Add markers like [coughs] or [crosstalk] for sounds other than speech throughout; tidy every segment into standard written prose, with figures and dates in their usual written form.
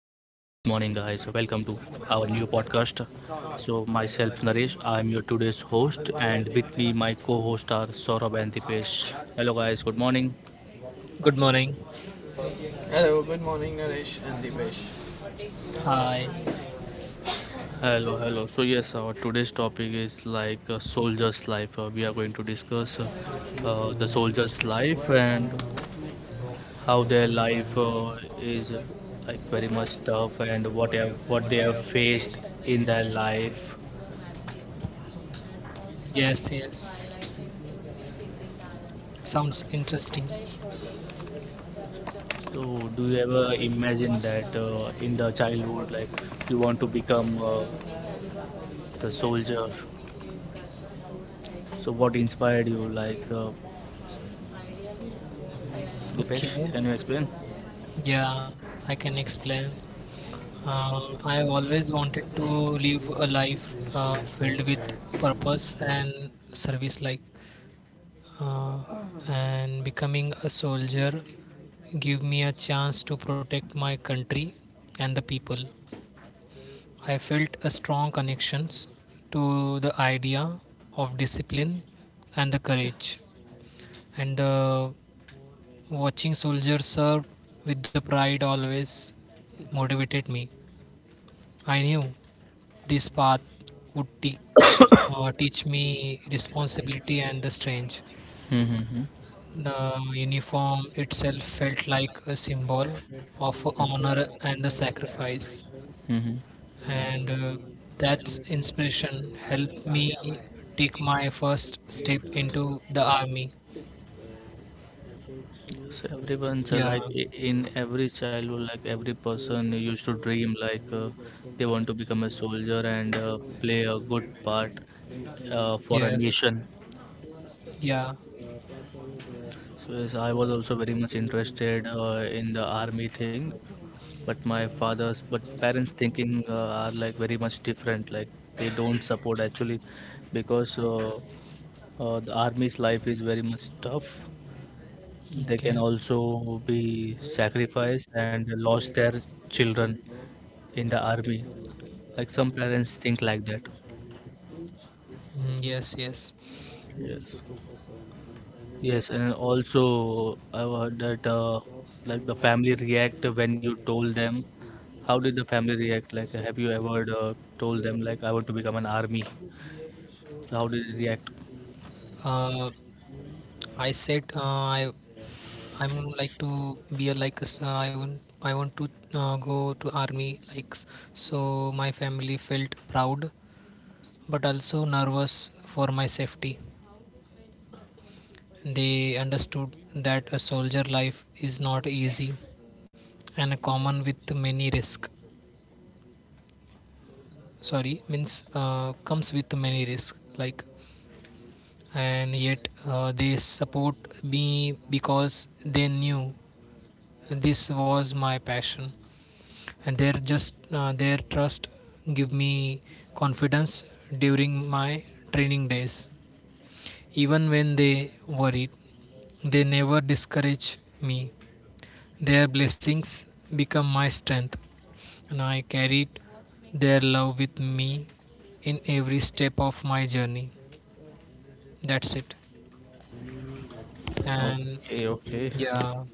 guys. Welcome to our new podcast. So, myself, Naresh, I'm your today's host, and with me, my co host are Saurabh and Dipesh. Hello, guys, good morning. Good morning. Hello, good morning, Naresh and Deepesh. Hi. Hello, hello. So, yes, our today's topic is like a soldier's life. We are going to discuss the soldier's life and how their life is like very much tough and what they have faced in their life. Yes, yes. Sounds interesting. So, do you ever imagine that in the childhood, like you want to become the soldier? So, what inspired you? Like, Dipesh, Okay. can you explain? Yeah, I can explain. I have always wanted to live a life filled with purpose and service, uh, and becoming a soldier give me a chance to protect my country and the people. I felt a strong connections to the idea of discipline and the courage. And watching soldiers serve with the pride always motivated me. I knew this path would teach teach me responsibility and the strength. Mm-hmm. The uniform itself felt like a symbol of honor and the sacrifice, Mm-hmm. and that inspiration helped me take my first step into the army. So, everyone's, Yeah, like in every childhood, like every person used to dream, like, they want to become a soldier and play a good part for a yes, nation. yeah. So yes, I was also very much interested in the army thing, but parents' thinking are like very much different. Like they don't support actually, because the army's life is very much tough. They can Okay. also be sacrificed and lost their children in the army. Like some parents think like that. Mm, yes, yes. Yes. Yes, and also I heard that like the family react when you told them. How did the family react? Like, have you ever told them like I want to become an army? So how did they react? Uh, I said I'm like to be a like I want to go to army so my family felt proud but also nervous for my safety. They understood that a soldier life is not easy and common with many risk. Sorry, means comes with many risk like and yet they support me because they knew this was my passion and their just their trust give me confidence during my training days. Even when they worried they never discourage me. Their blessings become my strength and I carried their love with me in every step of my journey. That's it. And Okay, okay. yeah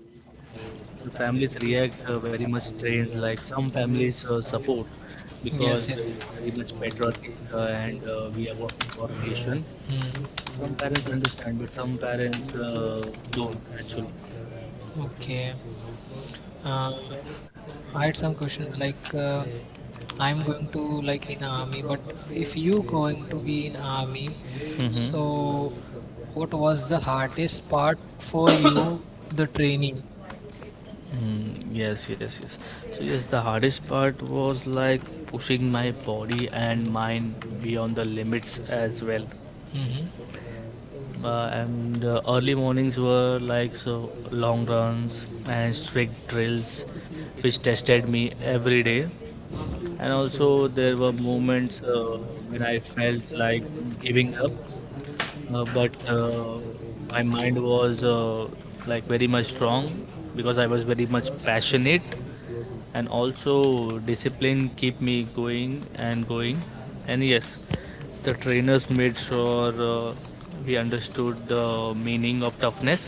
The families react very much strange. Like some families support because Yes, yes. It's very much patriotic and we are working for a The nation. future. Hmm. Some parents understand, but some parents don't actually. Okay. Uh, I had some question like I'm going to like in army, but if you going to be in army, Hmm. so what was the hardest part for you? The training. Mm, yes, yes, yes. So yes, the hardest part was like pushing my body and mind beyond the limits as well. Mm-hmm. And the early mornings were like so long runs and strict drills, which tested me every day. And also there were moments when I felt like giving up, but my mind was, like, very much strong because I was very much passionate, and also discipline keep me going and going. And yes, the trainers made sure we understood the meaning of toughness,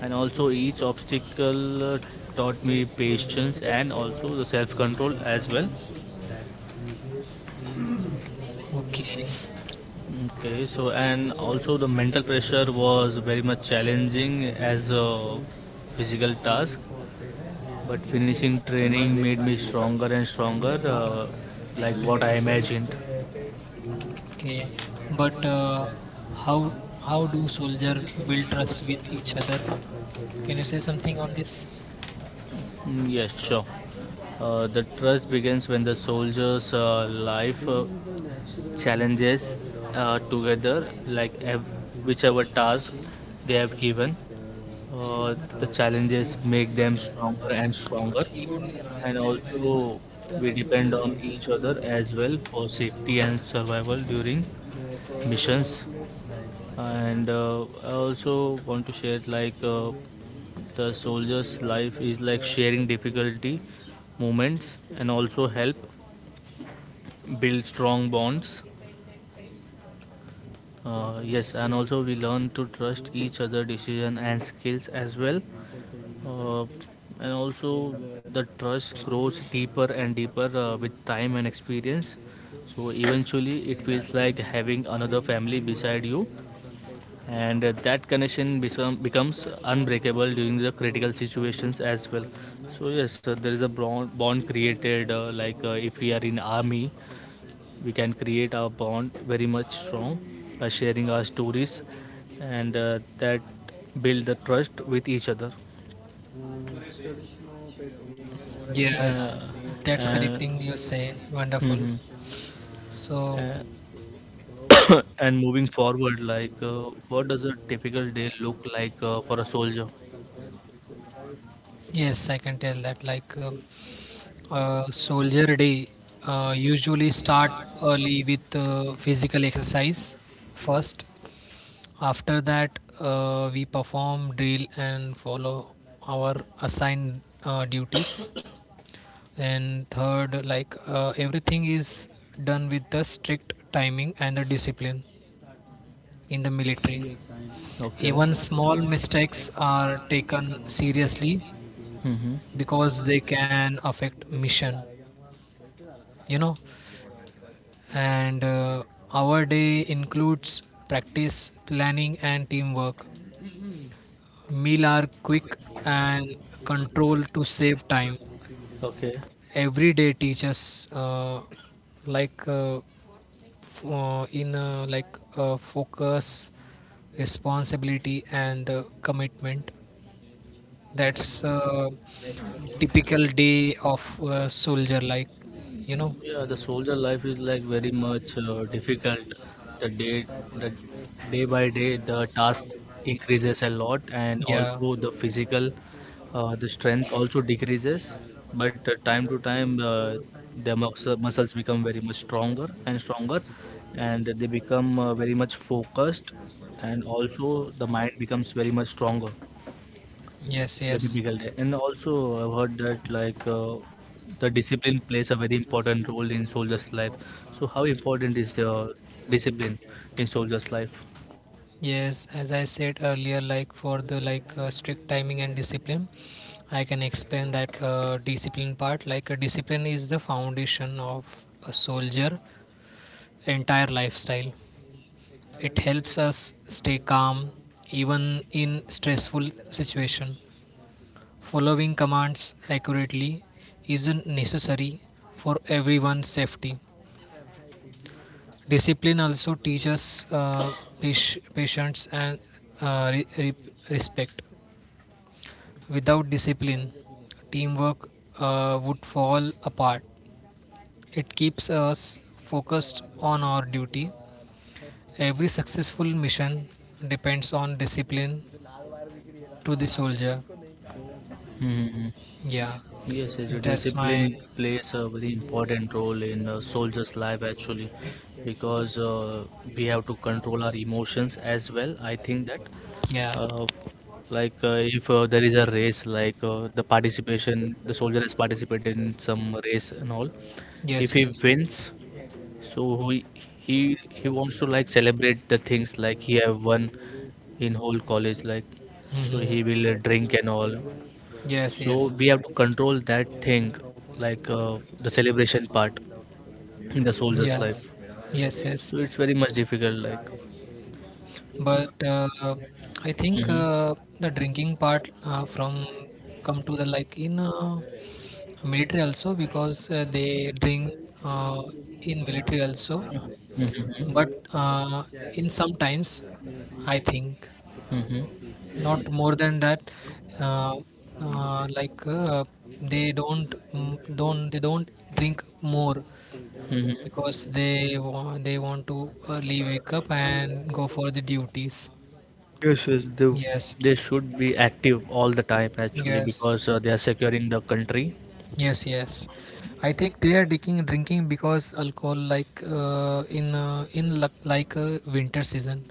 and also each obstacle taught me patience and also the self control as well. Okay. Okay, so and also the mental pressure was very much challenging as a physical task, but finishing training made me stronger and stronger, like what I imagined. Okay. But How do soldier build trust with each other? Can you say something on this? Mm, yeah, sure. The trust begins when the soldiers' life challenges together, like whichever task they have given. The challenges make them stronger and stronger, and also we depend on each other as well for safety and survival during missions. And I also want to share like, the soldier's life is like sharing difficulty moments, and also help build strong bonds. Yes, and also we learn to trust each other decision and skills as well. Uh, and also the trust grows deeper and deeper with time and experience. So eventually it feels like having another family beside you, and that becomes unbreakable during the critical situations as well. So yes, there is a bond created, like if we are in army we can create our bond very much strong by sharing our stories, and that build the trust with each other. Yes, uh, that's and, connecting. You say wonderful. mhm. So. Uh, [coughs] and moving forward like, what does a typical day look like for a soldier? Yes, I can tell that. Soldier Day usually start early with physical exercise first. After that, we perform drill and follow our assigned duties. [coughs] And third, everything is done with the strict timing and the discipline in the military. Okay. Even small mistakes are taken seriously Mm-hmm. because they can affect mission, you know. And our day includes practice planning and teamwork. Meal are quick and control to save time. Okay. Every day teaches like f- in like focus, responsibility and commitment. That's typical day of a soldier, like, you know. Yeah, the soldier life is like very much difficult. The day, the day by day, the task increases a lot, and Yeah. also the physical, the strength also decreases. But time to time, their muscles become very much stronger and stronger, and they become very much focused, and also the mind becomes very much stronger. Yes, The yes. typical day. And also, I've heard that like, the discipline plays a very important role in soldiers' life. So, how important is the discipline in soldiers' life? Yes, as I said earlier, like for the strict timing and discipline, I can explain that discipline part. Like a discipline is the foundation of a soldier' entire lifestyle. It helps us stay calm even in stressful situation. Following commands accurately isn't necessary for everyone's safety. Discipline also teaches patience and uh, re- re- respect. Without discipline, teamwork would fall apart. It keeps us focused on our duty. Every successful mission depends on discipline to the soldier. Mm-hmm. Yeah, Yes, yes, the that's my. discipline plays a very important role in a soldier's life actually, because we have to control our emotions as well. I think that, Yeah, uh, like, if there is a race, like, the participation, the soldier has participated in some race and all. If yes, he yes. wins, so he he wants to like celebrate the things like he have won in whole college, like, so Hmm. he will drink and all. Yes, So yes, we have to control that thing, like, the celebration part in the soldier's life. yes, yes, yes. So it's very much difficult like. But I think Hmm. The drinking part from come to the like in military also because they drink, uh, in military also. Hmm. But in some times, I think Hmm. not more than that. Uh, uh, like uh, they don't they don't drink more Hmm. because they want to early wake up and go for the duties. Yes, yes, Yes, they should be active all the time actually, yes. because they are securing the country. Yes, yes. I think they are drinking because alcohol in winter season.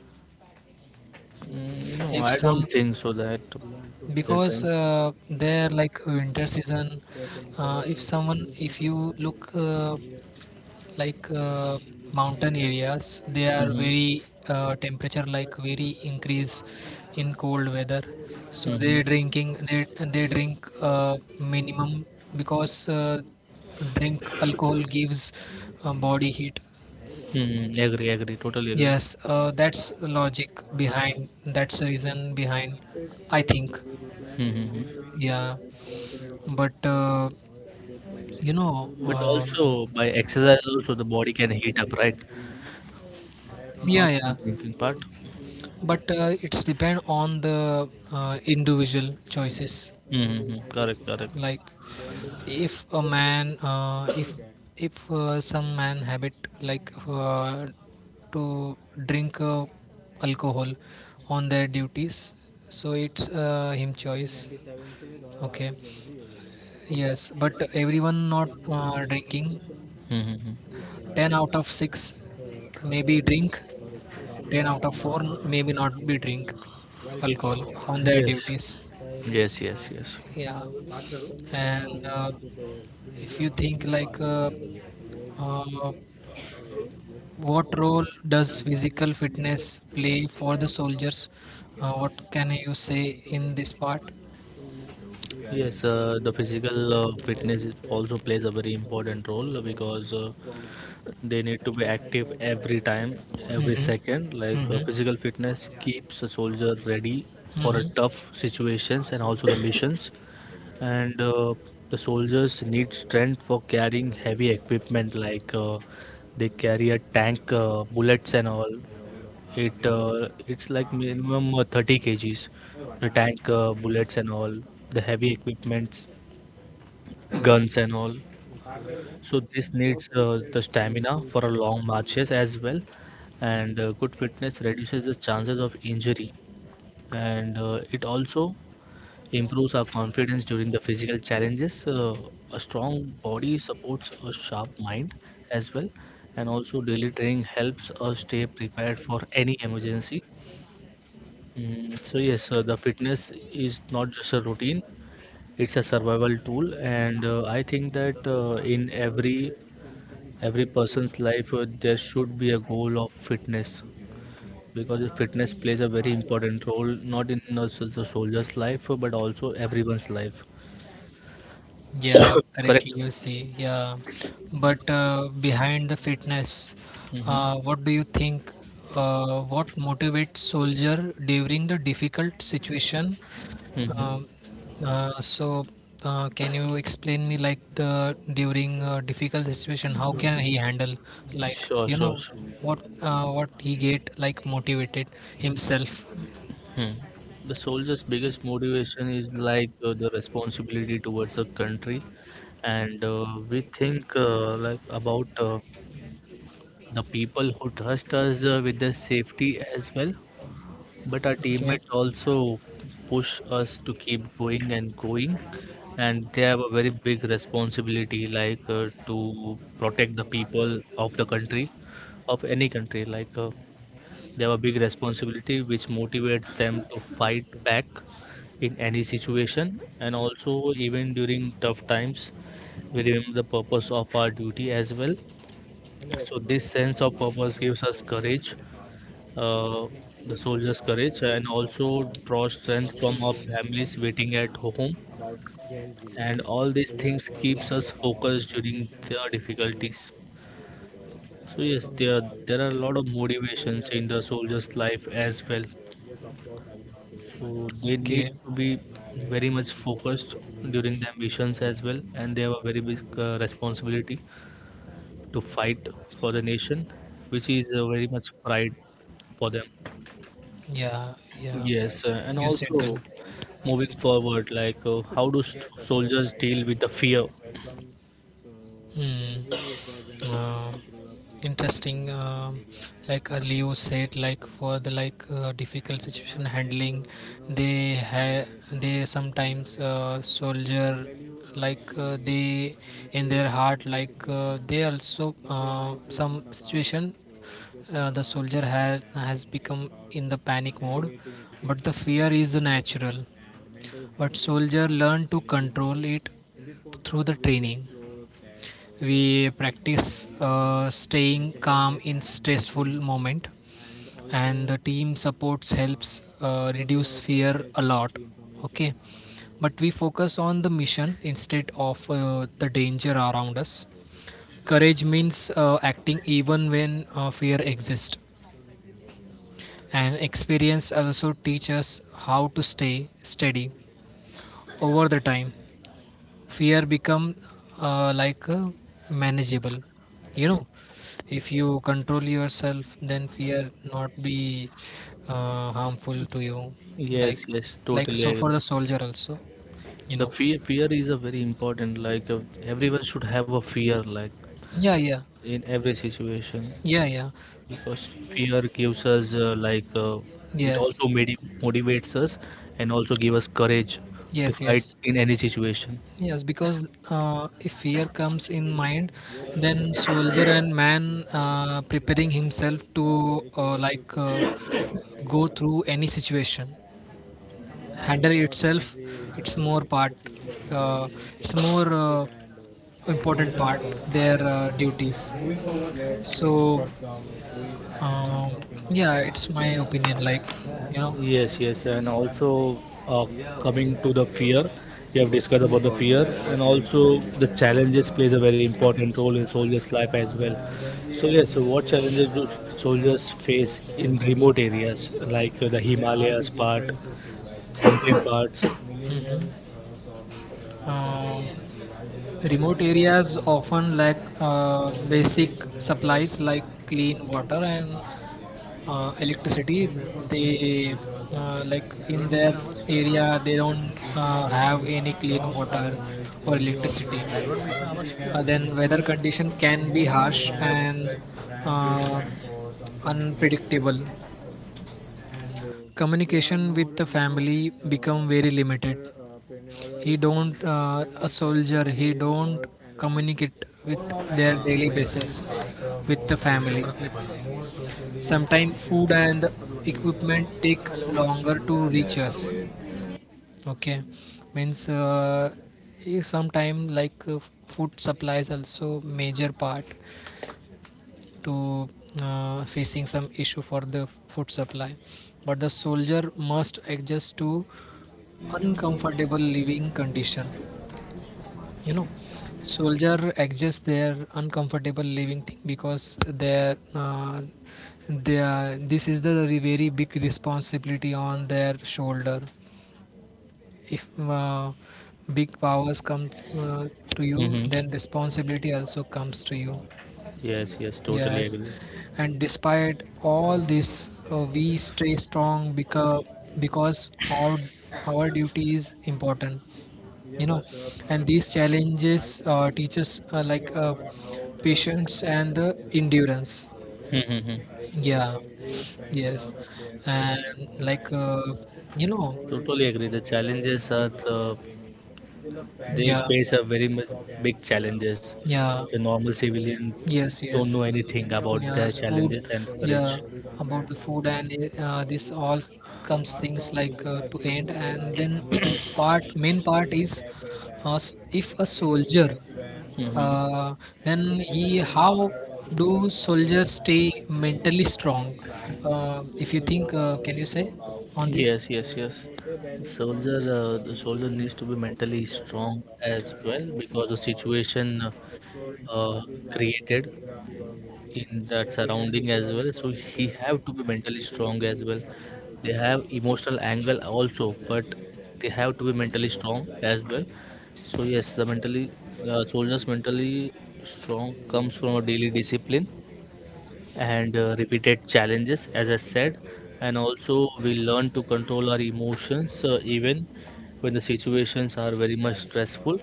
Mm, no, If I don't some think so that they Because think. They like winter season, if someone if you look like mountain areas they are Mm-hmm. very temperature like very increase in cold weather. So they Mm-hmm. drinking They drink minimum because drink alcohol gives body heat. Mm-hmm. Agree, agree, totally agree. Yes, that's logic behind, that's the reason behind, I think. Mm-hmm. Mm-hmm. Yeah. But uh, you know, But um also by exercise also the body can heat up right. yeah, Not yeah. only drinking part. But It's depend on the individual choices. Mm-hmm. Correct, correct. Like if a man, if some man habit like uh, to drink alcohol on their duties, so it's him choice. Okay. Yes, but everyone not drinking. Mm-hmm. 10 out of 6 maybe drink, 10 out of 4 maybe not be drink alcohol on their duties. Yes, yes, yes, yes. Yeah. and if you think like uh, what role does physical fitness play for the soldiers? What can you say in this part? Yes, the physical fitness also plays a very important role because they need to be active every time, every Mm-hmm. second. Like, Mm-hmm. physical fitness keeps a soldier ready for a Mm-hmm. tough situations and also the missions. And the soldiers need strength for carrying heavy equipment, like, they carry a tank, bullets and all. It's like minimum 30 kg kgs, the tank bullets and all, the heavy equipments, guns and all. So this needs the stamina for a long marches as well, and good fitness reduces the chances of injury, and it also improves our confidence during the physical challenges. A strong body supports a sharp mind as well, and also daily training helps us stay prepared for any emergency. Mm, so yes, the fitness is not just a routine; it's a survival tool, and I think that in every person's life there should be a goal of fitness because the fitness plays a very important role not in the soldier's life but also everyone's life. Yeah, Correct. correctly you say. Yeah, but behind the fitness, Mm-hmm. What do you think? What motivates soldier during the difficult situation? Mm-hmm. Um, uh, so, can you explain me like the during difficult situation, how can he handle, like, Sure, you sure, know, sure. What he get like motivated himself? Hmm. The soldier's biggest motivation is like, the responsibility towards the country, and we think, like about the people who trust us with their safety as well, but our Okay, teammates also push us to keep going and going. And they have a very big responsibility, like, to protect the people of the country of any country, like, they have a big responsibility which motivates them to fight back in any situation. And also even during tough times we remember the purpose of our duty as well. So this sense of purpose gives us courage. uh, the soldier's courage and also draw strength from our families waiting at home, and all these things keeps us focused during the difficulties. So yes, there are a lot of motivations in the soldier's life as well. So they need okay, to be very much focused during their missions as well, and they have a very big responsibility to fight for the nation which is very much pride for them. yeah, yeah, Yes, and you said well. also moving forward like, how do soldiers deal with the fear? Hmm. Uh, Interesting. Like earlier you said, like for the difficult situation handling, they sometimes soldier they in their heart they also some situation the soldier has become in the panic mode, but the fear is natural. But soldier learn to control it through the training. We practice staying calm in stressful moment, and the team supports helps reduce fear a lot. Okay, but we focus on the mission instead of the danger around us. Courage means acting even when fear exists, and experience also teaches us how to stay steady over the time. Fear become uh, like uh, manageable, you know. If you control yourself then fear not be harmful to you. Yes, like yes, totally so for agree. the soldier also, you The know. fear is a very important, like, everyone should have a fear like Yeah, yeah, in every situation, yeah, yeah. because fear gives us, like, it Yes, also motivates us and also give us courage to yes, fight yes. in any situation. Yes, because if fear comes in mind then soldier and man preparing himself to go through any situation, handle itself. It's more part, uh, it's more important part their duties. so um, yeah, it's my opinion, like, you know. Yes, yes, and also, uh, coming to the fear, we have discussed about the fear, and also the challenges plays a very important role in soldiers' life as well. So yes, so what challenges do soldiers face in remote areas like, the Himalayas part, mountain parts? Hmm. um, Remote areas often lack basic supplies like clean water and electricity. They Like in their area they don't have any clean water or electricity. Then weather condition can be harsh and uh, unpredictable. Communication with the family become very limited. He don't A soldier, he don't communicate with their daily basis with the family. Sometimes food and equipment take longer to reach us. Okay, means sometimes food supplies also major part to facing some issue for the food supply. But the soldier must adjust to uncomfortable living condition, you know. Soldier adjust their uncomfortable living thing because their they are, this is the very big responsibility on their shoulder. If big powers come uh, to you Hmm. then responsibility also comes to you. Yes, yes, totally Yes, agree. and despite all this, we stay strong because our duty is important, you know. And these challenges teach us patience and the endurance. Mm-hmm. Yeah, yes, and like uh, you know, Totally agree. The challenges are the They yeah, face a very much big challenges. yeah, The normal civilian yes, don't yes. know anything about Yeah, their food, challenges and courage. yeah, about the food and this all comes things to end. And then part main part is, if a soldier Hmm. uh, then he how do soldiers stay mentally strong, if you think, can you say on this? Yes, yes, yes. The soldier needs to be mentally strong as well, because the situation uh, created in that surrounding as well, so he have to be mentally strong as well. They have emotional angle also, but they have to be mentally strong as well. So yes, the mentally, soldiers mentally strong comes from a daily discipline and repeated challenges as I said, and also we learn to control our emotions even when the situations are very much stressful.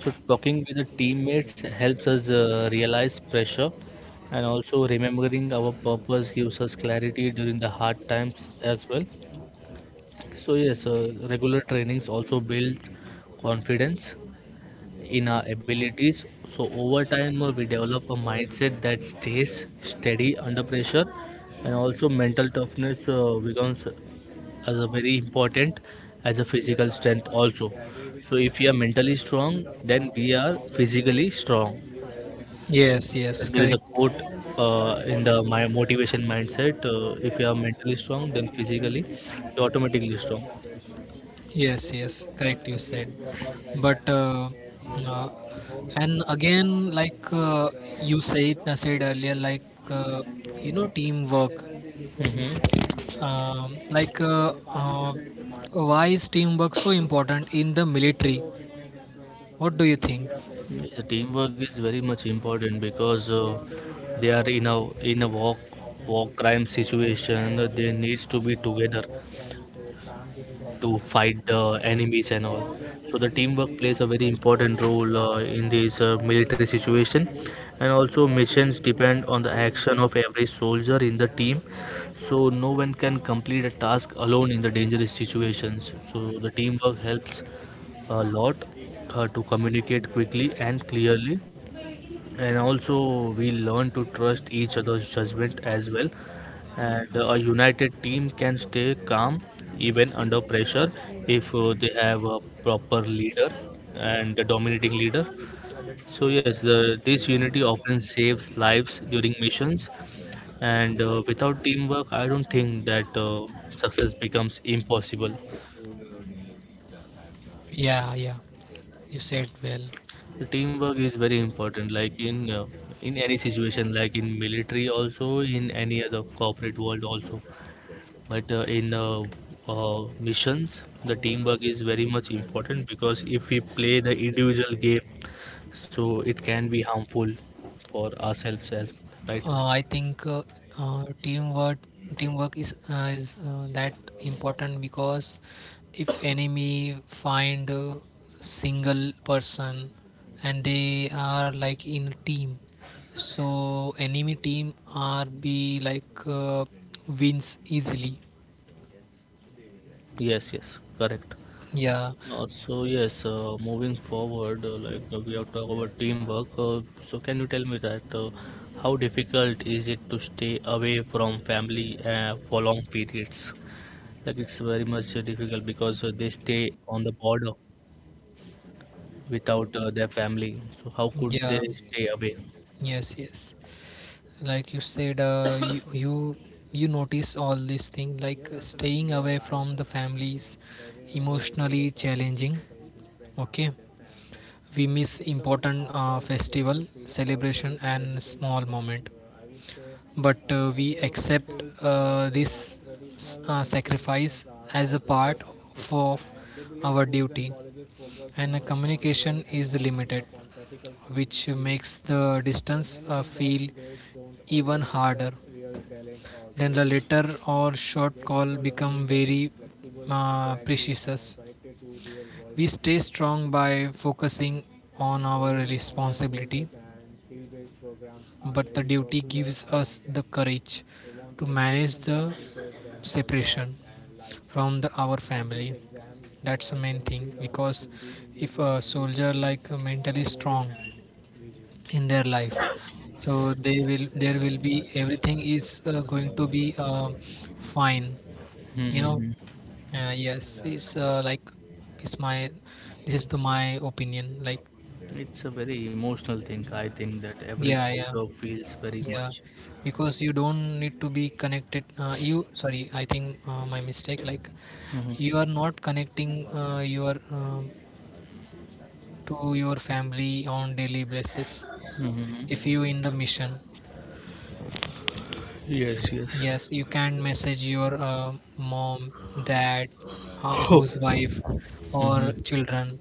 So talking with the teammates helps us realize pressure, and also remembering our purpose gives us clarity during the hard times as well. So yes, regular trainings also build confidence in our abilities. So over time, we develop a mindset that stays steady under pressure, and also mental toughness becomes as a very important as a physical strength also. So if you are mentally strong, then we are physically strong. Yes, So yes, there is a correct. quote in the my motivation mindset: if you are mentally strong, then physically you automatically strong. Yes, yes, correct. You said, but uh, and again, you said, I said earlier, uh, you know, teamwork. Mhm. Um, like, uh, uh, why is teamwork so important in the military? What do you think? Yes, the teamwork is very much important because they are in a war war crime situation. They needs to be together to fight the enemies and all. So the teamwork plays a very important role in this military situation, and also missions depend on the action of every soldier in the team, so no one can complete a task alone in the dangerous situations. So the teamwork helps a lot to communicate quickly and clearly, and also we learn to trust each other's judgment as well, and a united team can stay calm even under pressure if they have a proper leader and a dominating leader. So yes, the this unity often saves lives during missions, and without teamwork, I don't think that success becomes impossible. Yeah, yeah, you said well. The teamwork is very important, like in any situation, like in military, also in any other corporate world, also. But in missions, the teamwork is very much important, because if we play the individual game, so it can be harmful for ourselves as right. I think uh, teamwork teamwork is that important because if enemy find a single person and they are like in a team, so enemy team are be like wins easily. Yes, yes, correct. Yeah, So yes, moving forward, like we have talked about teamwork. So can you tell me that how difficult is it to stay away from family for long periods? Like it's very much difficult because they stay on the border without their family. So how could they yeah, stay away? yes, yes. Like you said [coughs] you notice all these things. Like staying away from the families emotionally challenging. Okay, we miss important festival celebration and small moment, but we accept this sacrifice as a part of our duty. And the communication is limited which makes the distance feel even harder. Then the later or short call become very precious. We stay strong by focusing on our responsibility, but the duty gives us the courage to manage the separation from the, our family. That's the main thing, because if a soldier like mentally strong in their life so they will there will be everything is going to be fine, you know. Hmm. Yes, it's it's my, this is the my opinion. Like It's a very emotional thing. I think that every yeah, yeah, soldier feels very yeah. much. Because you don't need to be connected. You, sorry, I think my mistake. Like Hmm, you are not connecting your to your family on daily basis. hmm, If you hmm. in the mission, Yes, yes. yes, you can message your mom, dad, [coughs] housewife, or Mhm. children.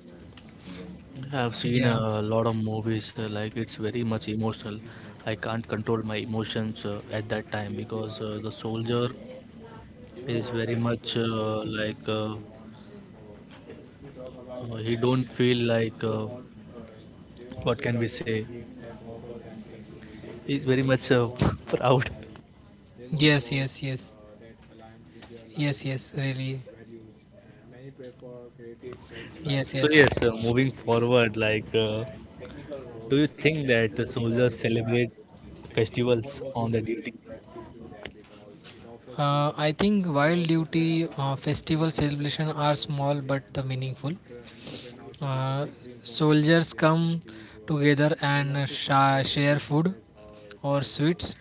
I've seen Yeah. a lot of movies like it's very much emotional. I can't control my emotions at that time, because the soldier is very much he don't feel like what can we say? He's very much [laughs] proud. Yes, yes, yes. Yes, yes, really. Yes, So yes. yes, moving forward, like do you think that the soldiers celebrate festivals on the duty? I think wild duty festival celebration are small but the meaningful. Uh, soldiers come together and share food or sweets,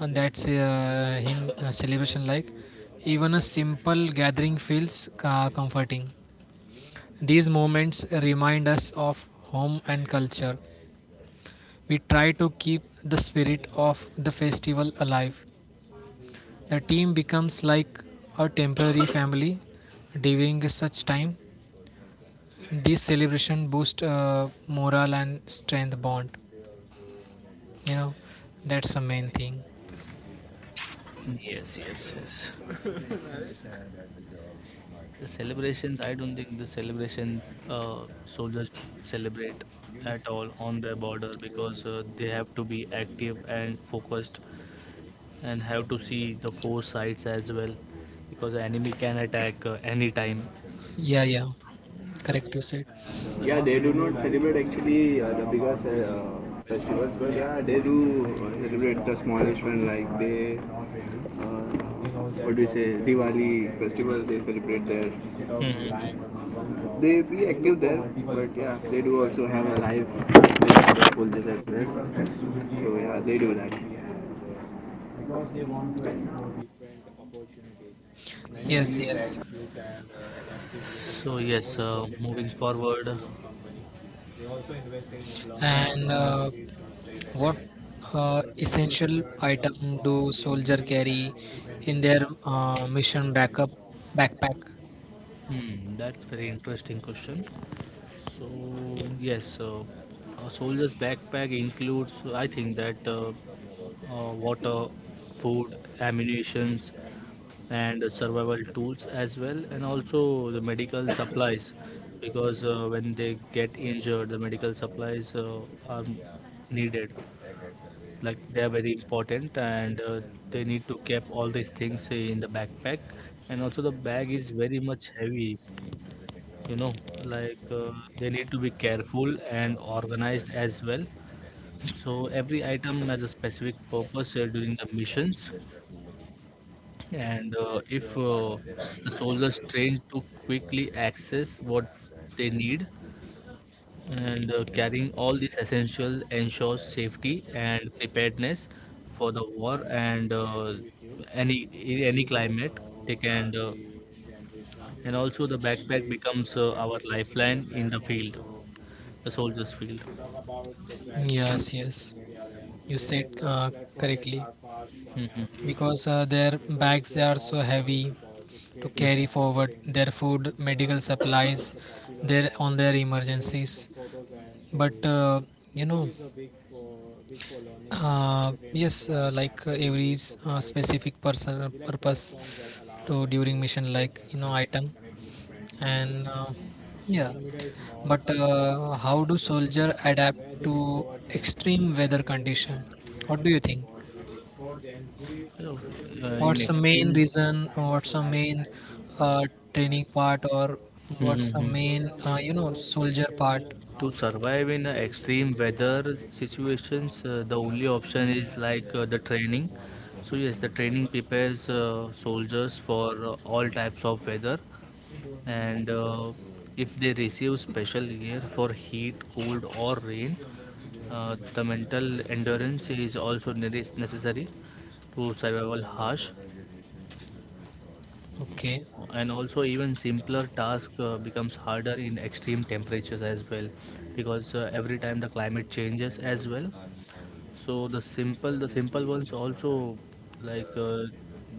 and that's him celebration like. Even a simple gathering feels comforting. These moments remind us of home and culture. We try to keep the spirit of the festival alive. The team becomes like a temporary family during such time. This celebration boosts morale and strength bond. You know, that's the main thing. Yes, yes, yes. The celebrations, I don't think the celebration uh, soldiers celebrate at all on their border, because they have to be active and focused and have to see the four sides as well, because the enemy can attack any time. Yeah, yeah. Correct, you said. Yeah, they do not celebrate actually the bigger festivals, but yeah, they do celebrate the smallest one. Like they, uh, what do you say, Diwali festival. They celebrate there. Mhm. They be active there, but yeah, they do also have a live full they celebrate. So yeah, they do that. Yes, yes. So yes, moving forward, And uh, What essential item do soldier carry in their mission backup backpack? hmm, that's very interesting question. So yes, so a soldier's backpack includes, I think that water, food, ammunitions, and survival tools as well, and also the medical [coughs] supplies, because when they get injured, the medical supplies are needed. Like they are very important, and they need to keep all these things in the backpack. And also the bag is very much heavy, you know, like they need to be careful and organized as well. So every item has a specific purpose during the missions, and if the soldiers train to quickly access what they need, and carrying all these essentials ensures safety and preparedness for the war, and any any climate they can and also the backpack becomes our lifeline in the field, the soldiers' field. Yes, yes, you said correctly Mhm, because their bags are so heavy to mhm. carry forward their food, medical supplies, their on their emergencies. But you know, yes, like every specific person purpose to during mission like you know item and yeah but how do soldier adapt to extreme weather condition, what do you think? So, in What's the main extreme, reason? What's the main uh, training part or mhm, what's the mhm, main you know soldier part? to survive in extreme weather situations, the only option is like the training. So yes, the training prepares soldiers for all types of weather, and if they receive special gear for heat, cold, or rain, the mental endurance is also necessary to survival harsh, Okay. and also even simpler task becomes harder in extreme temperatures as well, because every time the climate changes as well. So the simple ones also, like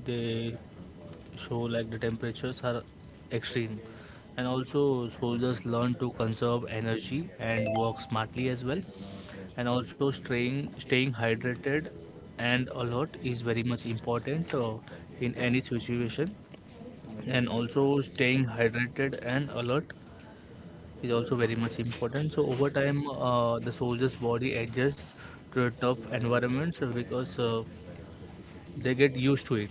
they show like the temperatures are extreme, and also soldiers learn to conserve energy and work smartly as well. And also staying hydrated and alert is very much important in any situation. And also staying hydrated and alert is also very much important. So over time, the soldier's body adjusts to a tough environment, so because they get used to it.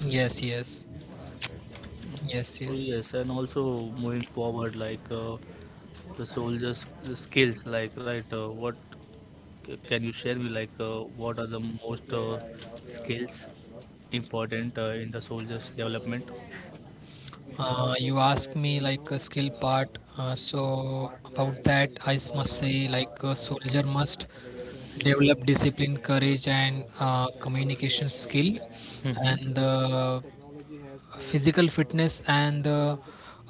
Yes, yes, yes, So yes. yes, and also moving forward, like the soldiers' skills, like right, what can you share me? Like what are the most skills important in the soldier's development? You asked me like a skill part, so about that I must say like a soldier must develop discipline, courage, and communication skill, and the physical fitness and the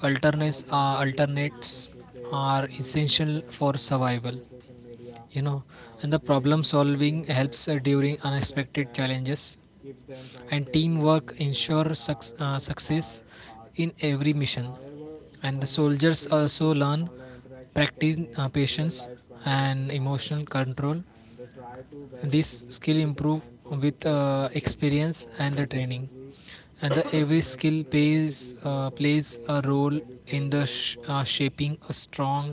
alternates uh, alternates are essential for survival. You know, and the problem solving helps during unexpected challenges and teamwork ensures success in every mission, and the soldiers also learn, practice patience and emotional control. This skill improve with experience and the training, and the every skill plays a role in the shaping a strong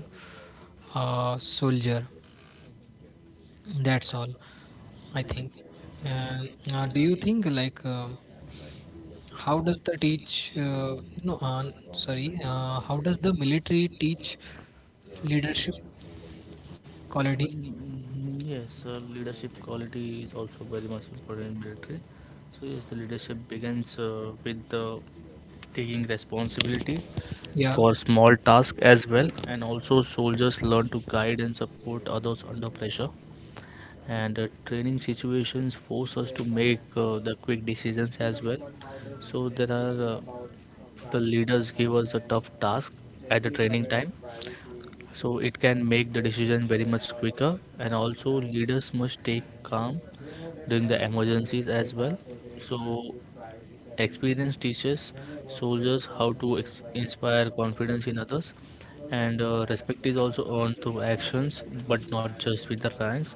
soldier. That's all I think. And do you think like how does the teach no sorry how does the military teach leadership quality? Mm, yes, leadership quality is also very much important in military. So yes, the leadership begins with taking responsibility Yeah. for small tasks as well, and also soldiers learn to guide and support others under pressure. And training situations force us to make the quick decisions as well. So there are the leaders give us a tough task at the training time, so it can make the decision very much quicker, and also leaders must stay calm during the emergencies as well. So experience teaches soldiers how to inspire confidence in others, and respect is also earned through actions, but not just with the ranks.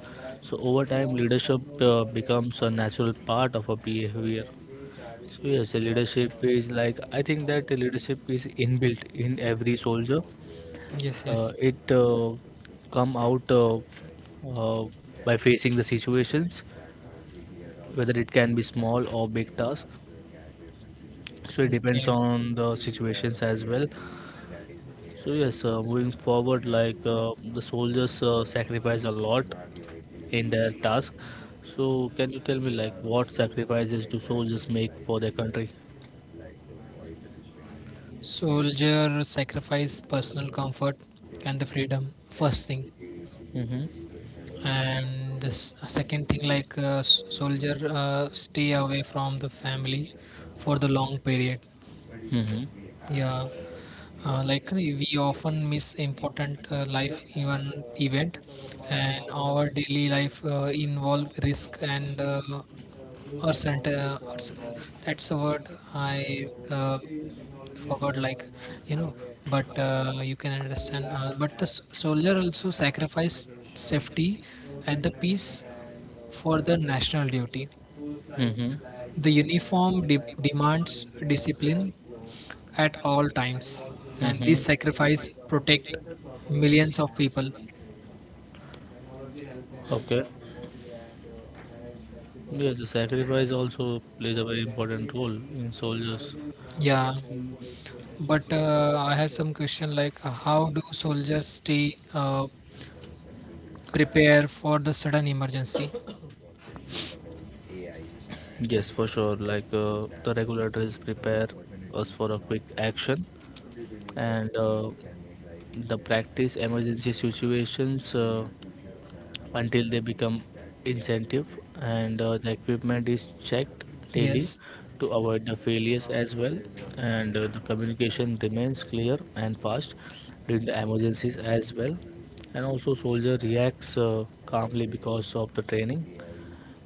So over time leadership becomes a natural part of a behavior. So yes, the leadership is like I think that the leadership is inbuilt in every soldier. Yes. uh, Yes. it uh, come out uh, by facing the situations, whether it can be small or big task. So it depends Okay. on the situations as well. So yes, moving forward, like the soldiers sacrifice a lot in their task. So can you tell me, like, what sacrifices do soldiers make for their country? Soldier sacrifice personal comfort and the freedom. First thing. Mm-hmm. And the second thing, like soldier stay away from the family for the long period. Mm-hmm. Yeah. Like we often miss important life event, and our daily life involve risk and or cent- or s- that's a word I forgot, like, you know, but you can understand, but the soldier also sacrificed safety and the peace for the national duty. Mm-hmm. The uniform demands discipline at all times, and Mm-hmm. this sacrifice protect millions of people. Okay. Yes, the sacrifice also plays a very important role in soldiers. Yeah, but I have some question, like, how do soldiers stay prepare for the sudden emergency? Yes, for sure. Like the regulators prepare us for a quick action, and the practice emergency situations. Until they become incentive, and the equipment is checked daily Yes. to avoid the failures as well, and the communication remains clear and fast during the emergencies as well, and also soldier reacts calmly because of the training,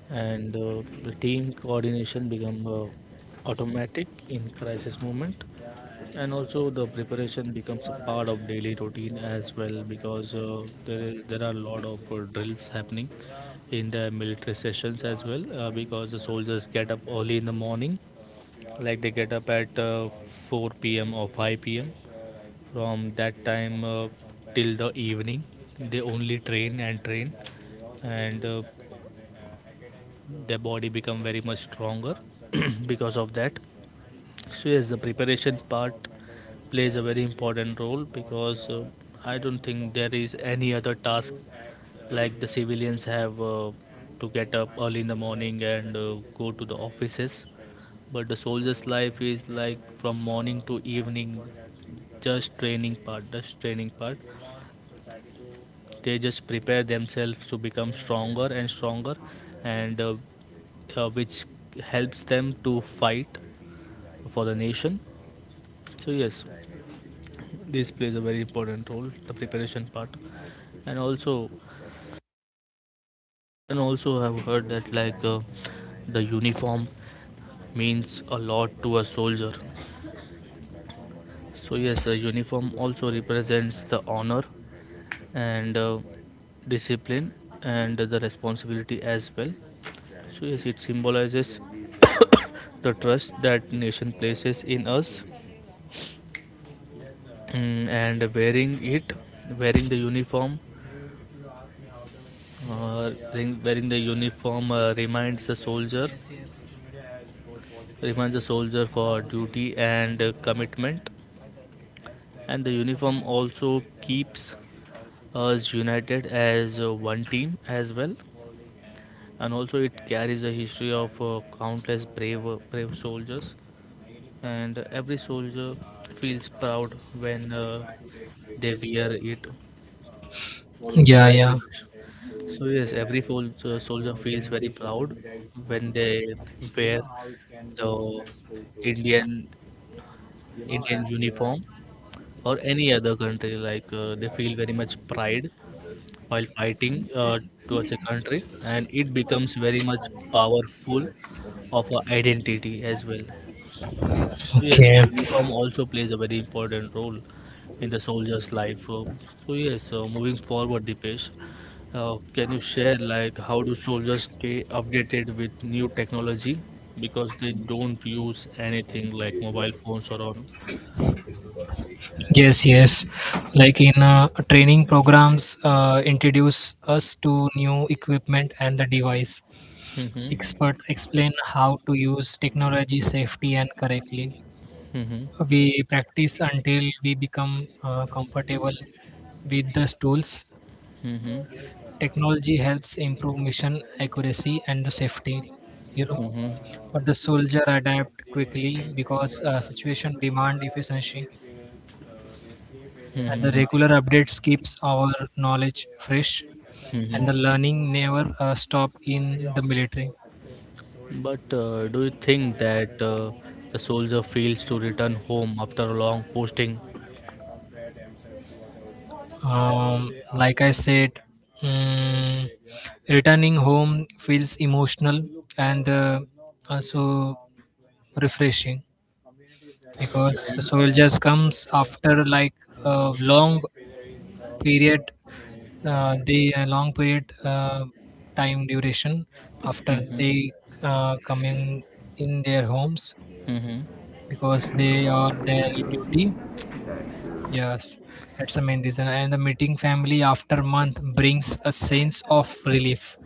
and the team coordination become automatic in crisis moment, and also the preparation becomes a part of daily routine as well, because there are a lot of drills happening in the military sessions as well, because the soldiers get up early in the morning, like they get up at 4 p.m. or 5 p.m. From that time till the evening, they only train and train, and their body become very much stronger [clears throat] because of that. So yes, the preparation part plays a very important role, because I don't think there is any other task. Like the civilians have to get up early in the morning and go to the offices, but the soldier's life is like from morning to evening, just training part, they just prepare themselves to become stronger and stronger, and which helps them to fight for the nation. So yes, this plays a very important role, the preparation part. And also, and also have heard that like the uniform means a lot to a soldier. So yes, the uniform also represents the honor and discipline and the responsibility as well. So yes, it symbolizes [coughs] the trust that nation places in us, mm, and wearing it, wearing the uniform, wearing the uniform reminds the soldier for duty and commitment, and the uniform also keeps us united as one team as well, and also it carries a history of countless brave soldiers, and every soldier feels proud when they wear it. Yeah, yeah. So yes, every soldier feels very proud when they wear the Indian Indian uniform or any other country. Like they feel very much pride while fighting towards a country, and it becomes very much powerful of a identity as well. So yes, Okay. uniform also plays a very important role in the soldier's life. So yes, moving forward, Dipesh, can you share like how do soldiers stay updated with new technology, because they don't use anything like mobile phones or on. Yes, yes. Like in training programs, introduce us to new equipment and the device. Mhm, Expert explain how to use technology safety and correctly. mhm, We practice until we become comfortable with these tools. mhm, Technology helps improve mission accuracy and the safety. You know. mhm, But the soldier adapt quickly because situation demand efficiency, and the mhm, regular updates keeps our knowledge fresh, and the mhm. learning never stop in the military. But do you think that the soldier feels to return home after a long posting? Um, like I said, mm, returning home feels emotional and also refreshing because soldiers comes after like a long period, the long period time duration after Mhm, they coming in their homes mhm, because they are their duty. Yes, that's the main reason, and the meeting family after month brings a sense of relief.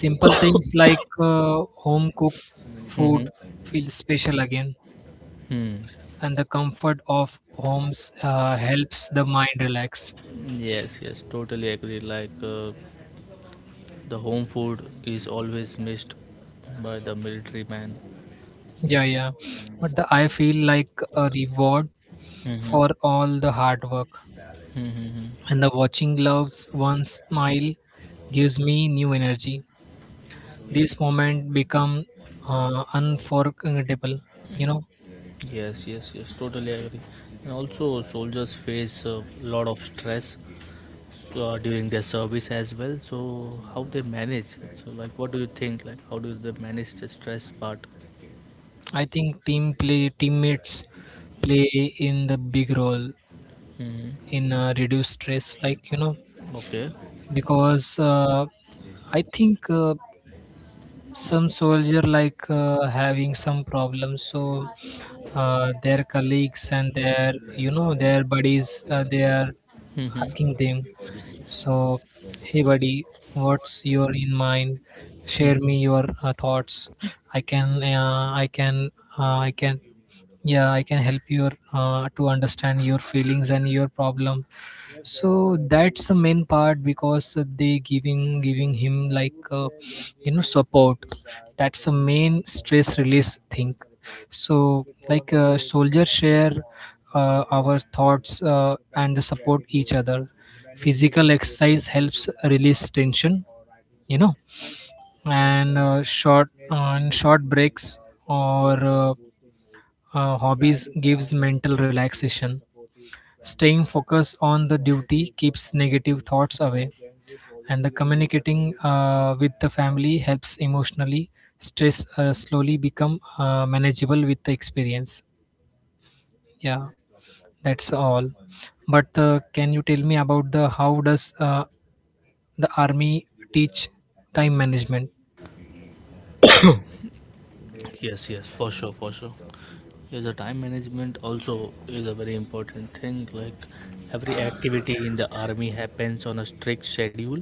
Simple things like home cooked food mhm, feel special again, hmm. and the comfort of homes helps the mind relax. Yes, yes, totally agree. Like the home food is always missed by the military man. Yeah, yeah, but the, I feel like a reward Mm-hmm. for all the hard work. Mm-hmm. And the watching loves one smile gives me new energy. This moment become unforgettable. You know, Yes, yes, yes, totally agree. And also, soldiers face a lot of stress during their service as well. So, how they manage? So, like, what do you think? Like, how do they manage the stress part? I think team play teammates play in the big role Mm-hmm. in reduce stress. Like, you know, Okay. because I think. Some soldier like having some problems, so their colleagues and their, you know, their buddies, they are Mm-hmm. asking them, so hey buddy, what's your in mind, share me your thoughts, i can uh, i can I can yeah I can help you to understand your feelings and your problem. So that's the main part because they giving him like, you know, support. That's the main stress release thing. So like, soldiers share our thoughts, and they support each other. Physical exercise helps release tension, you know, and short breaks or hobbies gives mental relaxation. Staying focused on the duty keeps negative thoughts away, and the communicating with the family helps emotionally. Stress slowly become manageable with the experience. Yeah, that's all. But can you tell me about the how does the army teach time management? Yes, yes, for sure, for sure. Yes, the time management also is a very important thing. Like every activity in the army happens on a strict schedule,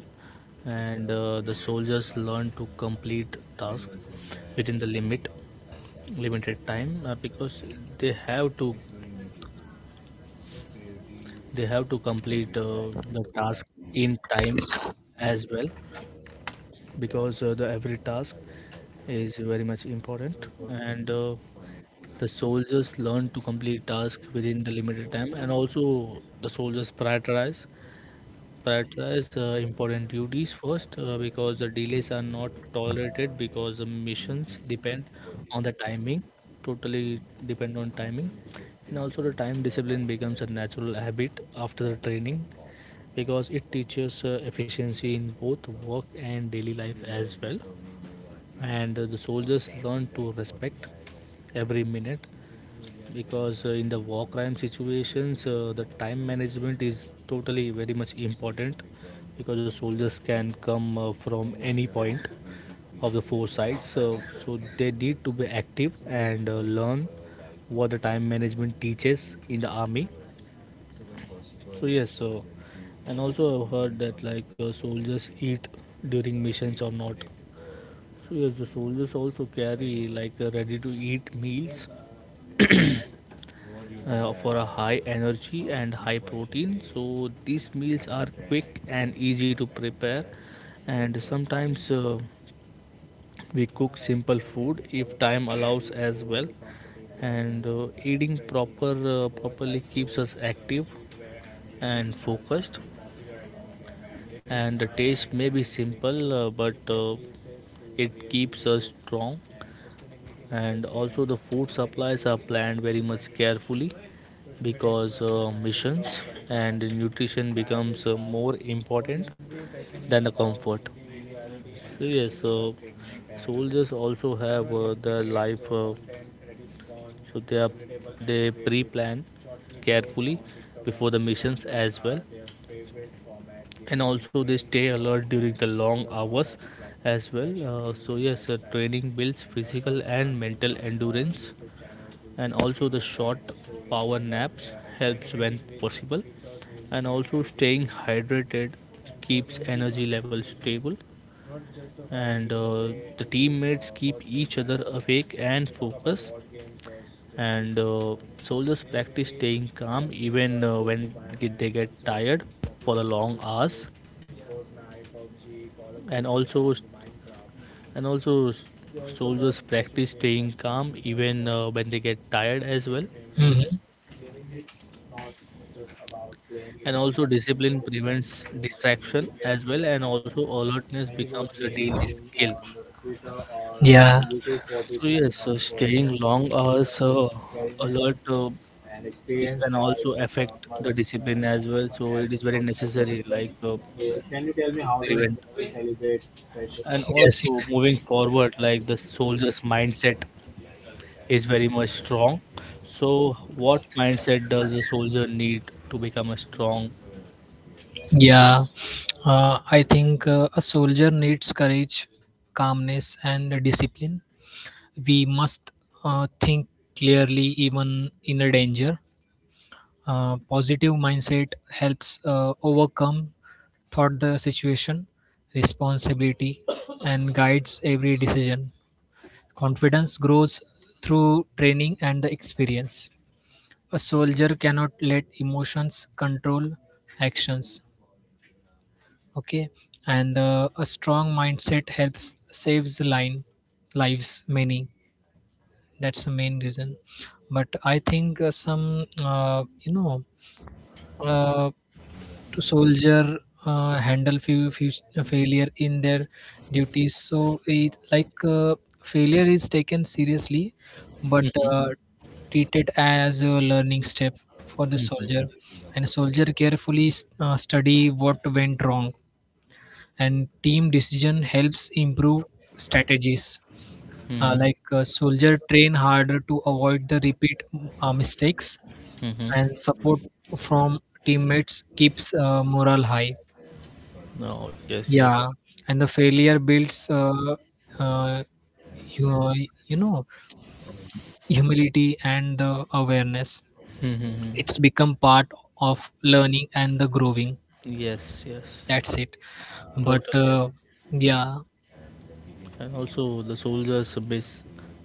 and the soldiers learn to complete tasks within the limited time, because they have to they have to complete the task in time as well, because the every task is very much important. And. The soldiers learn to complete tasks within the limited time, and also the soldiers prioritize important duties first, because the delays are not tolerated, because the missions depend on the timing totally depend on timing. And also the time discipline becomes a natural habit after the training, because it teaches efficiency in both work and daily life as well. And the soldiers learn to respect every minute, because in the war crime situations, the time management is totally very much important, because the soldiers can come from any point of the four sides, so they need to be active and learn what the time management teaches in the army. So yes, so and also I've heard that, like, soldiers eat during missions or not. So yes, the soldiers also carry, like, ready to eat meals [clears throat] for a high energy and high protein. So these meals are quick and easy to prepare, and sometimes, we cook simple food if time allows as well. And eating properly keeps us active and focused. And the taste may be simple, but it keeps us strong. And also the food supplies are planned very much carefully, because missions and nutrition becomes more important than the comfort. So yes, soldiers also have their life, so they pre-plan carefully before the missions as well, and also they stay alert during the long hours as well. So yes, training builds physical and mental endurance, and also the short power naps helps when possible, and also staying hydrated keeps energy levels stable, and the teammates keep each other awake and focused. And soldiers practice staying calm even when they get tired for the long hours. And also and also soldiers practice staying calm even when they get tired as well. Mhm. And also discipline prevents distraction as well, and also alertness becomes a daily skill. So yes, so staying long hours alert, this can also affect the discipline as well. So it is very necessary, like, to prevent. And Yes, also moving forward, like the soldier's mindset is very much strong. So what mindset does a soldier need to become a strong? yeah, I think a soldier needs courage, calmness, and discipline. We must think clearly even in a danger. Positive mindset helps overcome thought the situation, responsibility, and guides every decision. Confidence grows through training and the experience. A soldier cannot let emotions control actions. Okay. And a strong mindset helps saves line lives many. That's the main reason, but I think some you know uh, to soldier handle few failure in their duties. So it like, failure is taken seriously, but Mhm, uh, treated as a learning step for the soldier. mhm, And soldier carefully study what went wrong, and team decision helps improve strategies. Mhm, Like, soldier train harder to avoid the repeat mistakes, mhm. and support from teammates keeps morale high. No, yes, yes. Yeah, and the failure builds, uh, you, uh, you know, humility and the awareness. Mhm, It's mhm. become part of learning and the growing. Yes, yes. That's it. But Totally. Yeah, And also, the soldiers miss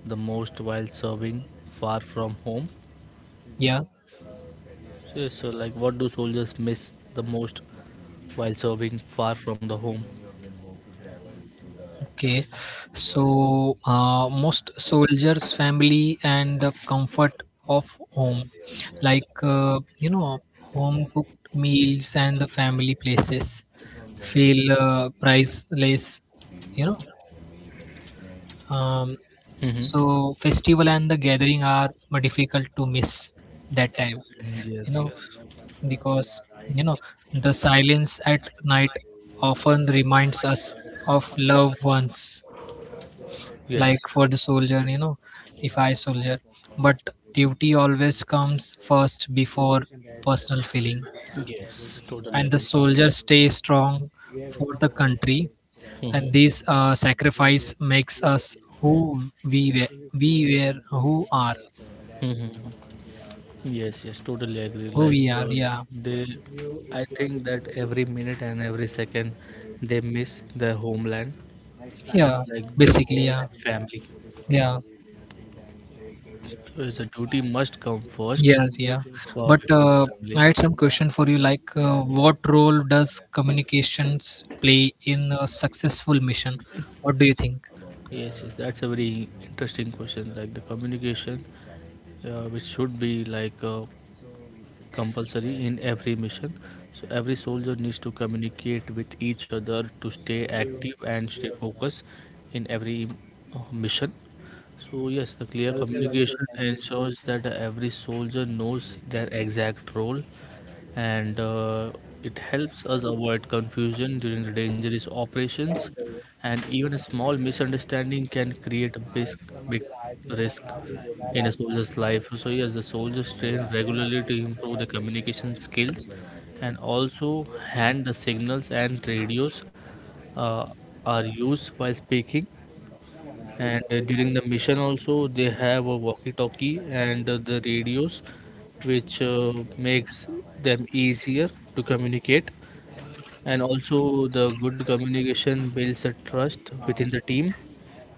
the most while serving far from home. yeah, So, yes, so like, what do soldiers miss the most while serving far from the home? okay. So most soldiers' family and the comfort of home, like, you know, home cooked meals and the family places, feel priceless. You know. Um, Mm-hmm. so festival and the gathering are difficult to miss that time, you Yes, know, yes, because, you know, the silence at night often reminds us of loved ones. yes, Like for the soldier, you know, if I soldier, but duty always comes first before personal feeling, yes. Totally and the agree. soldiers stay strong for the country, and Mm-hmm. this sacrifice makes us who we were who are, Mm-hmm. Yes, yes. Totally agree. who Like, we are. Yeah, they, I think that every minute and every second they miss their homeland, yeah, like their basically, home yeah, and family. yeah, So, yes, the duty must come first yes, yeah. But before the I family. had some question for you, like, what role does communications play in a successful mission? What do you think? Yes, yes, that's a very interesting question. Like the communication, which should be, like, compulsory in every mission. So every soldier needs to communicate with each other to stay active and stay focused in every mission. So yes, the clear communication ensures that every soldier knows their exact role, and it helps us avoid confusion during the dangerous operations, and even a small misunderstanding can create a big risk in a soldier's life. So yes, the soldiers train regularly to improve their communication skills, and also hand the signals and radios uh, are used while speaking. And during the mission also they have a walkie-talkie and the radios, which makes them easier to communicate. And also the good communication builds a trust within the team,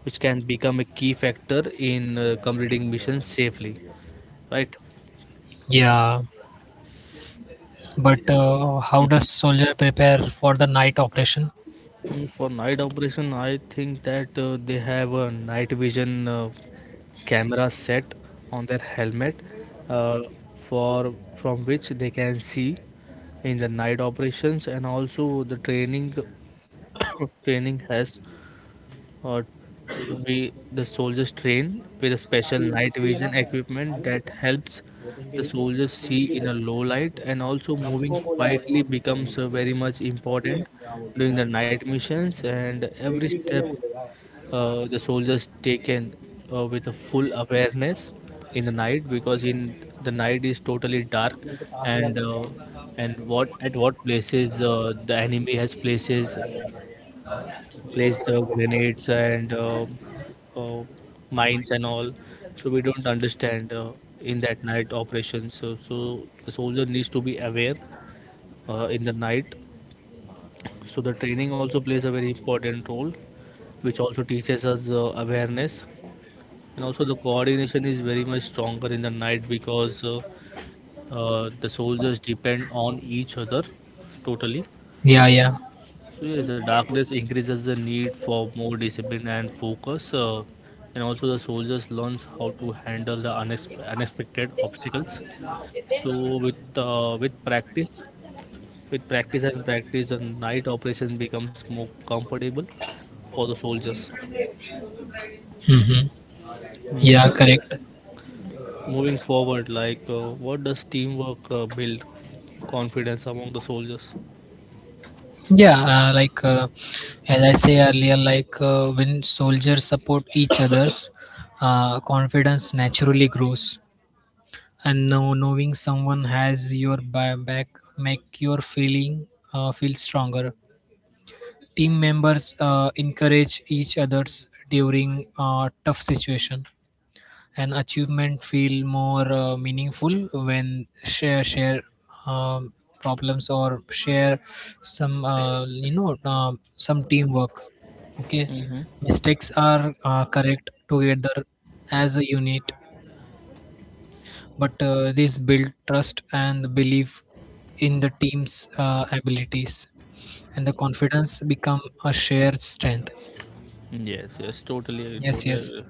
which can become a key factor in completing missions safely, right. Yeah, but how does soldier prepare for the night operation? Mm, for night operation, I think that they have a night vision camera set on their helmet, uh, for from which they can see in the night operations. And also the training [coughs] training has, uh, we the soldiers train with a special night vision equipment that helps the soldiers see in a low light. And also moving quietly becomes very much important during the night missions, and every step the soldiers taken with a full awareness in the night, because in the night is totally dark. And and what at what places the enemy has places place the grenades and uh, mines and all. So we don't understand in that night operations. So the soldier needs to be aware in the night. So the training also plays a very important role, which also teaches us awareness. And also the coordination is very much stronger in the night, because the soldiers depend on each other totally. Yeah, yeah, So yes, the darkness increases the need for more discipline and focus, and also the soldiers learns how to handle the unexpected obstacles. So with practice and practice, the night operation becomes more comfortable for the soldiers. mm-hmm. Hmm. Yeah, correct. Moving forward, like, what does teamwork build confidence among the soldiers? Yeah, like, as I say earlier, like, when soldiers support each others, confidence naturally grows. And now knowing someone has your back make your feeling feel stronger. Team members encourage each others during tough situation, an achievement feel more meaningful when share um, problems or share some, some teamwork. Okay. Mm-hmm. Mistakes are correct together as a unit, but this build trust and belief in the team's abilities, and the confidence become a shared strength. Yes, yes, totally, agree, Yes, totally. yes, Agree.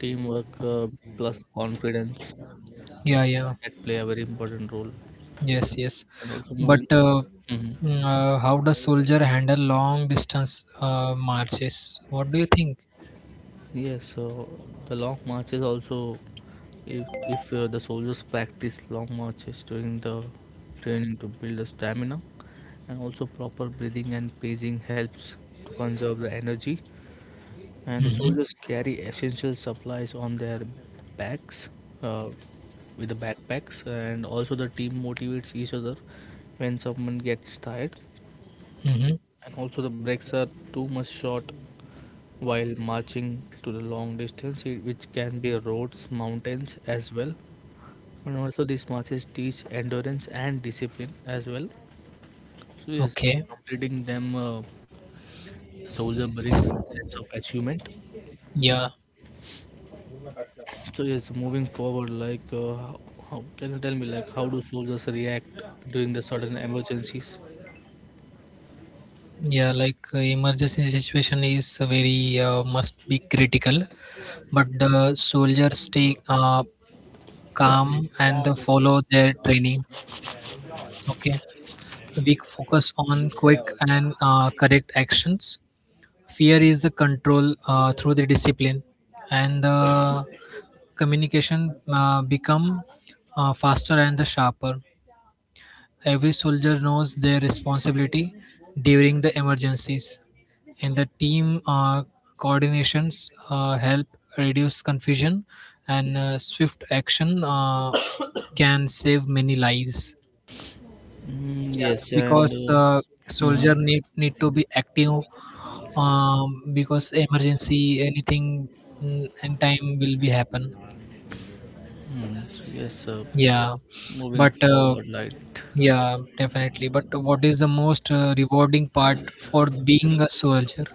Teamwork plus confidence. yeah, yeah. That play a very important role Yes, yes. and also But moving. Mhm. How does soldier handle long distance marches? What do you think? Yes so the long marches also, if the soldiers practice long marches during the training to build the stamina. And also proper breathing and pacing helps to conserve the energy, and the Mm-hmm. soldiers carry essential supplies on their backs, uh, with the backpacks. And also the team motivates each other when someone gets tired, Mm-hmm. and also the breaks are too much short while marching to the long distance, which can be roads, mountains as well. And also, these marches teach endurance and discipline as well. So, yes, Okay. completing them, soldier brings sense of achievement. Yeah. So, yes, moving forward, like, how can you tell me, like, how do soldiers react during the sudden emergencies? Yeah. Like emergency situation is very must be critical, but the soldiers stay calm and follow their training. Okay. We focus on quick and correct actions. Fear is the control through the discipline, and the communication become faster and the sharper. Every soldier knows their responsibility during the emergencies, and the team coordinations help reduce confusion, and swift action [coughs] can save many lives. Mm, Yes, yes, and because hmm. soldier need to be active, um, because emergency anything, mm, and time will be happen. Mm, so yes, Yeah, moving but. Uh, forward, like, Yeah, definitely. But what is the most rewarding part for being a soldier?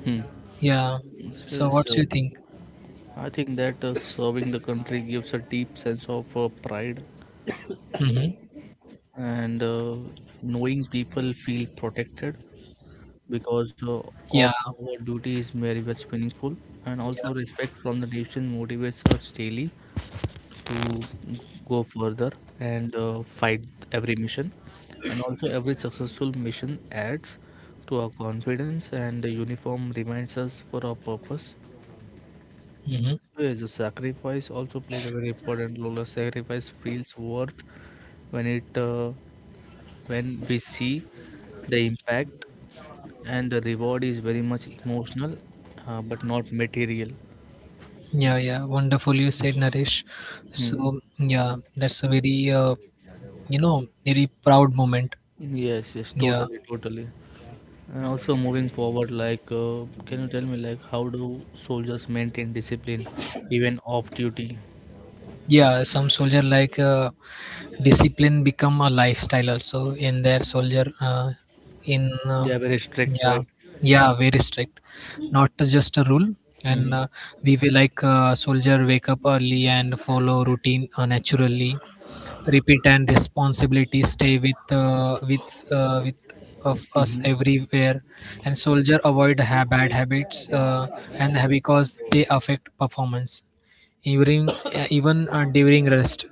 hmm. Yeah. So, yes, So what do you think? I think that serving the country gives a deep sense of pride, Mm-hmm. and knowing people feel protected because of Yeah. our duty is very much meaningful, and also Yeah. respect from the nation motivates us daily to go further and fight every mission, and also every successful mission adds to our confidence, and the uniform reminds us for our purpose. Mm-hmm. So, yes, the sacrifice also plays a very important role. The sacrifice feels worth when it when we see the impact, and the reward is very much emotional, but not material. Yeah, yeah. Wonderful you said, Naresh. Hmm. So yeah, that's a very you know very proud moment. Yes, yes, Yeah. totally, totally. And also moving forward, like, can you tell me, like, how do soldiers maintain discipline even off duty? Yeah. Some soldier like, discipline become a lifestyle also in their soldier in They are very strict, Yeah, right? yeah, very strict, not just a rule. And Hmm. we will like, soldier wake up early and follow routine naturally, repeat and responsibility stay with of us Mm-hmm. everywhere. And soldier avoid bad habits because they affect performance even, during rest,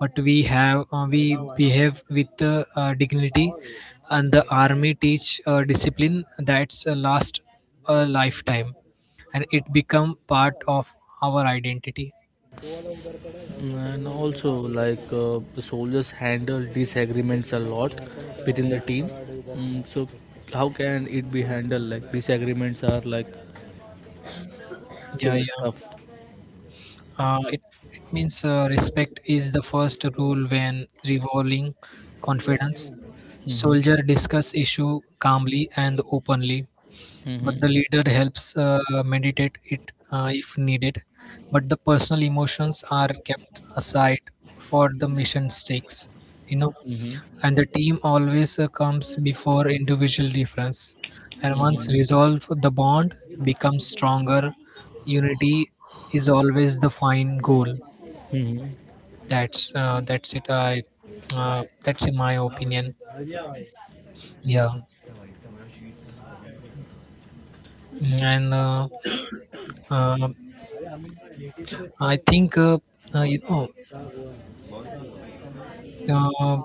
but we have, we behave with dignity, and the army teach discipline that's last a lifetime, and it become part of our identity. And also, like, the soldiers handle disagreements a lot within the team. Mm, so, how can it be handled? Like disagreements are like Yeah, too much yeah. stuff. Uh, it, it means respect is the first rule when revolving confidence. Mm-hmm. Soldier discuss issue calmly and openly, but the Mm-hmm. leader helps meditate it if needed. But the personal emotions are kept aside for the mission stakes. You know, Mm-hmm. and the team always comes before individual difference, and once Mm-hmm. resolved the bond becomes stronger. Unity is always the fine goal. Mm-hmm. That's that's it. I That's in my opinion. Yeah. Mm, and uh, uh, i think uh, you know uh,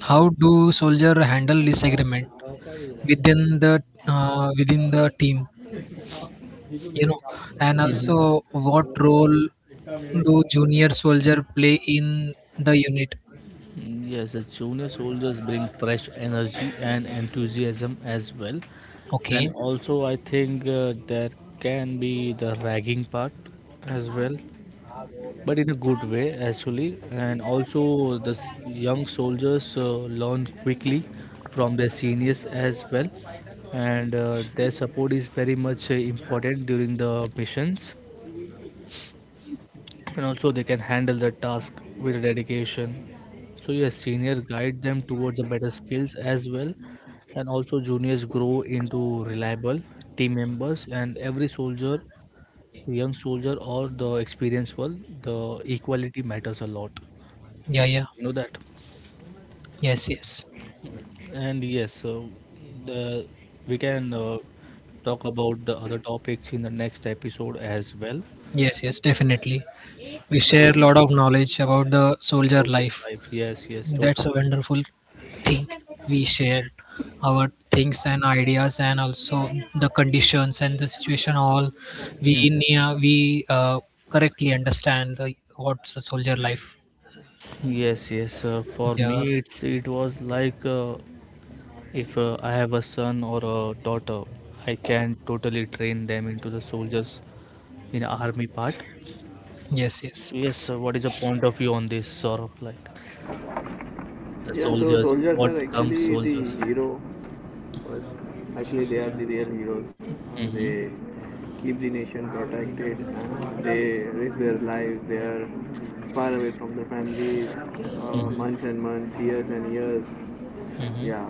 how do soldier handle disagreement within the, within the team, you know, and Hmm. also what role do junior soldier play in the unit? Yes, the junior soldiers bring fresh energy and enthusiasm as well. And Okay. also, I think there can be the ragging part as well. But in a good way actually. And also the young soldiers learn quickly from their seniors as well. And their support is very much important during the missions, and also they can handle the task with dedication. So yes, senior guide them towards the better skills as well, and also juniors grow into reliable team members. And every soldier, young soldier or the experienced one, the equality matters a lot, Yeah, yeah. you know that. Yes, yes. And yes, so the we can, talk about the other topics in the next episode as well. Yes, yes, definitely. We share a lot of knowledge about the So soldier this life. life, yes yes That's totally. a wonderful thing. We share our things and ideas and also the conditions and the situation, all we in Mm. We correctly understand the, what's a soldier life. Yes yes, for Yeah. me it's it was like, if I have a son or a daughter, I can totally train them into the soldiers in army part. Yes, yes. Yes, what is your point of view on this sort of, like, the Yeah, so soldiers, soldiers what are comes actually soldiers? the hero actually, they are the real heroes. They Mm-hmm. keep the nation protected. And they risk their lives. They are far away from their families, Mm-hmm. months and months, years and years. Mm-hmm. Yeah.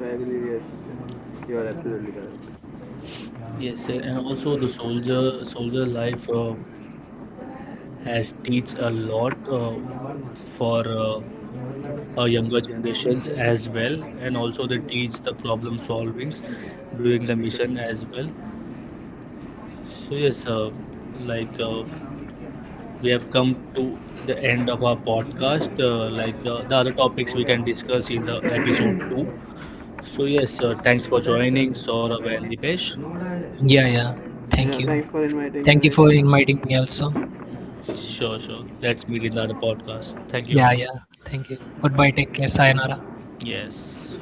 So I believe yes, you are absolutely correct. Yes, sir. And also the soldier life has teach a lot, for our younger generations as well. And also they teach the problem solvings during the mission as well. So yes, like, we have come to the end of our podcast. Like, the other topics we can discuss in the episode 2. So yes, thanks for joining, Saurabh and Dipesh. Yeah, yeah. Yeah. Thank you. Thanks for inviting Thank you for me. inviting me also. Sure, sure. Let's meet in the other podcast. Thank you. Yeah, yeah. Thank you. Goodbye. Take care. Sayonara. Yes.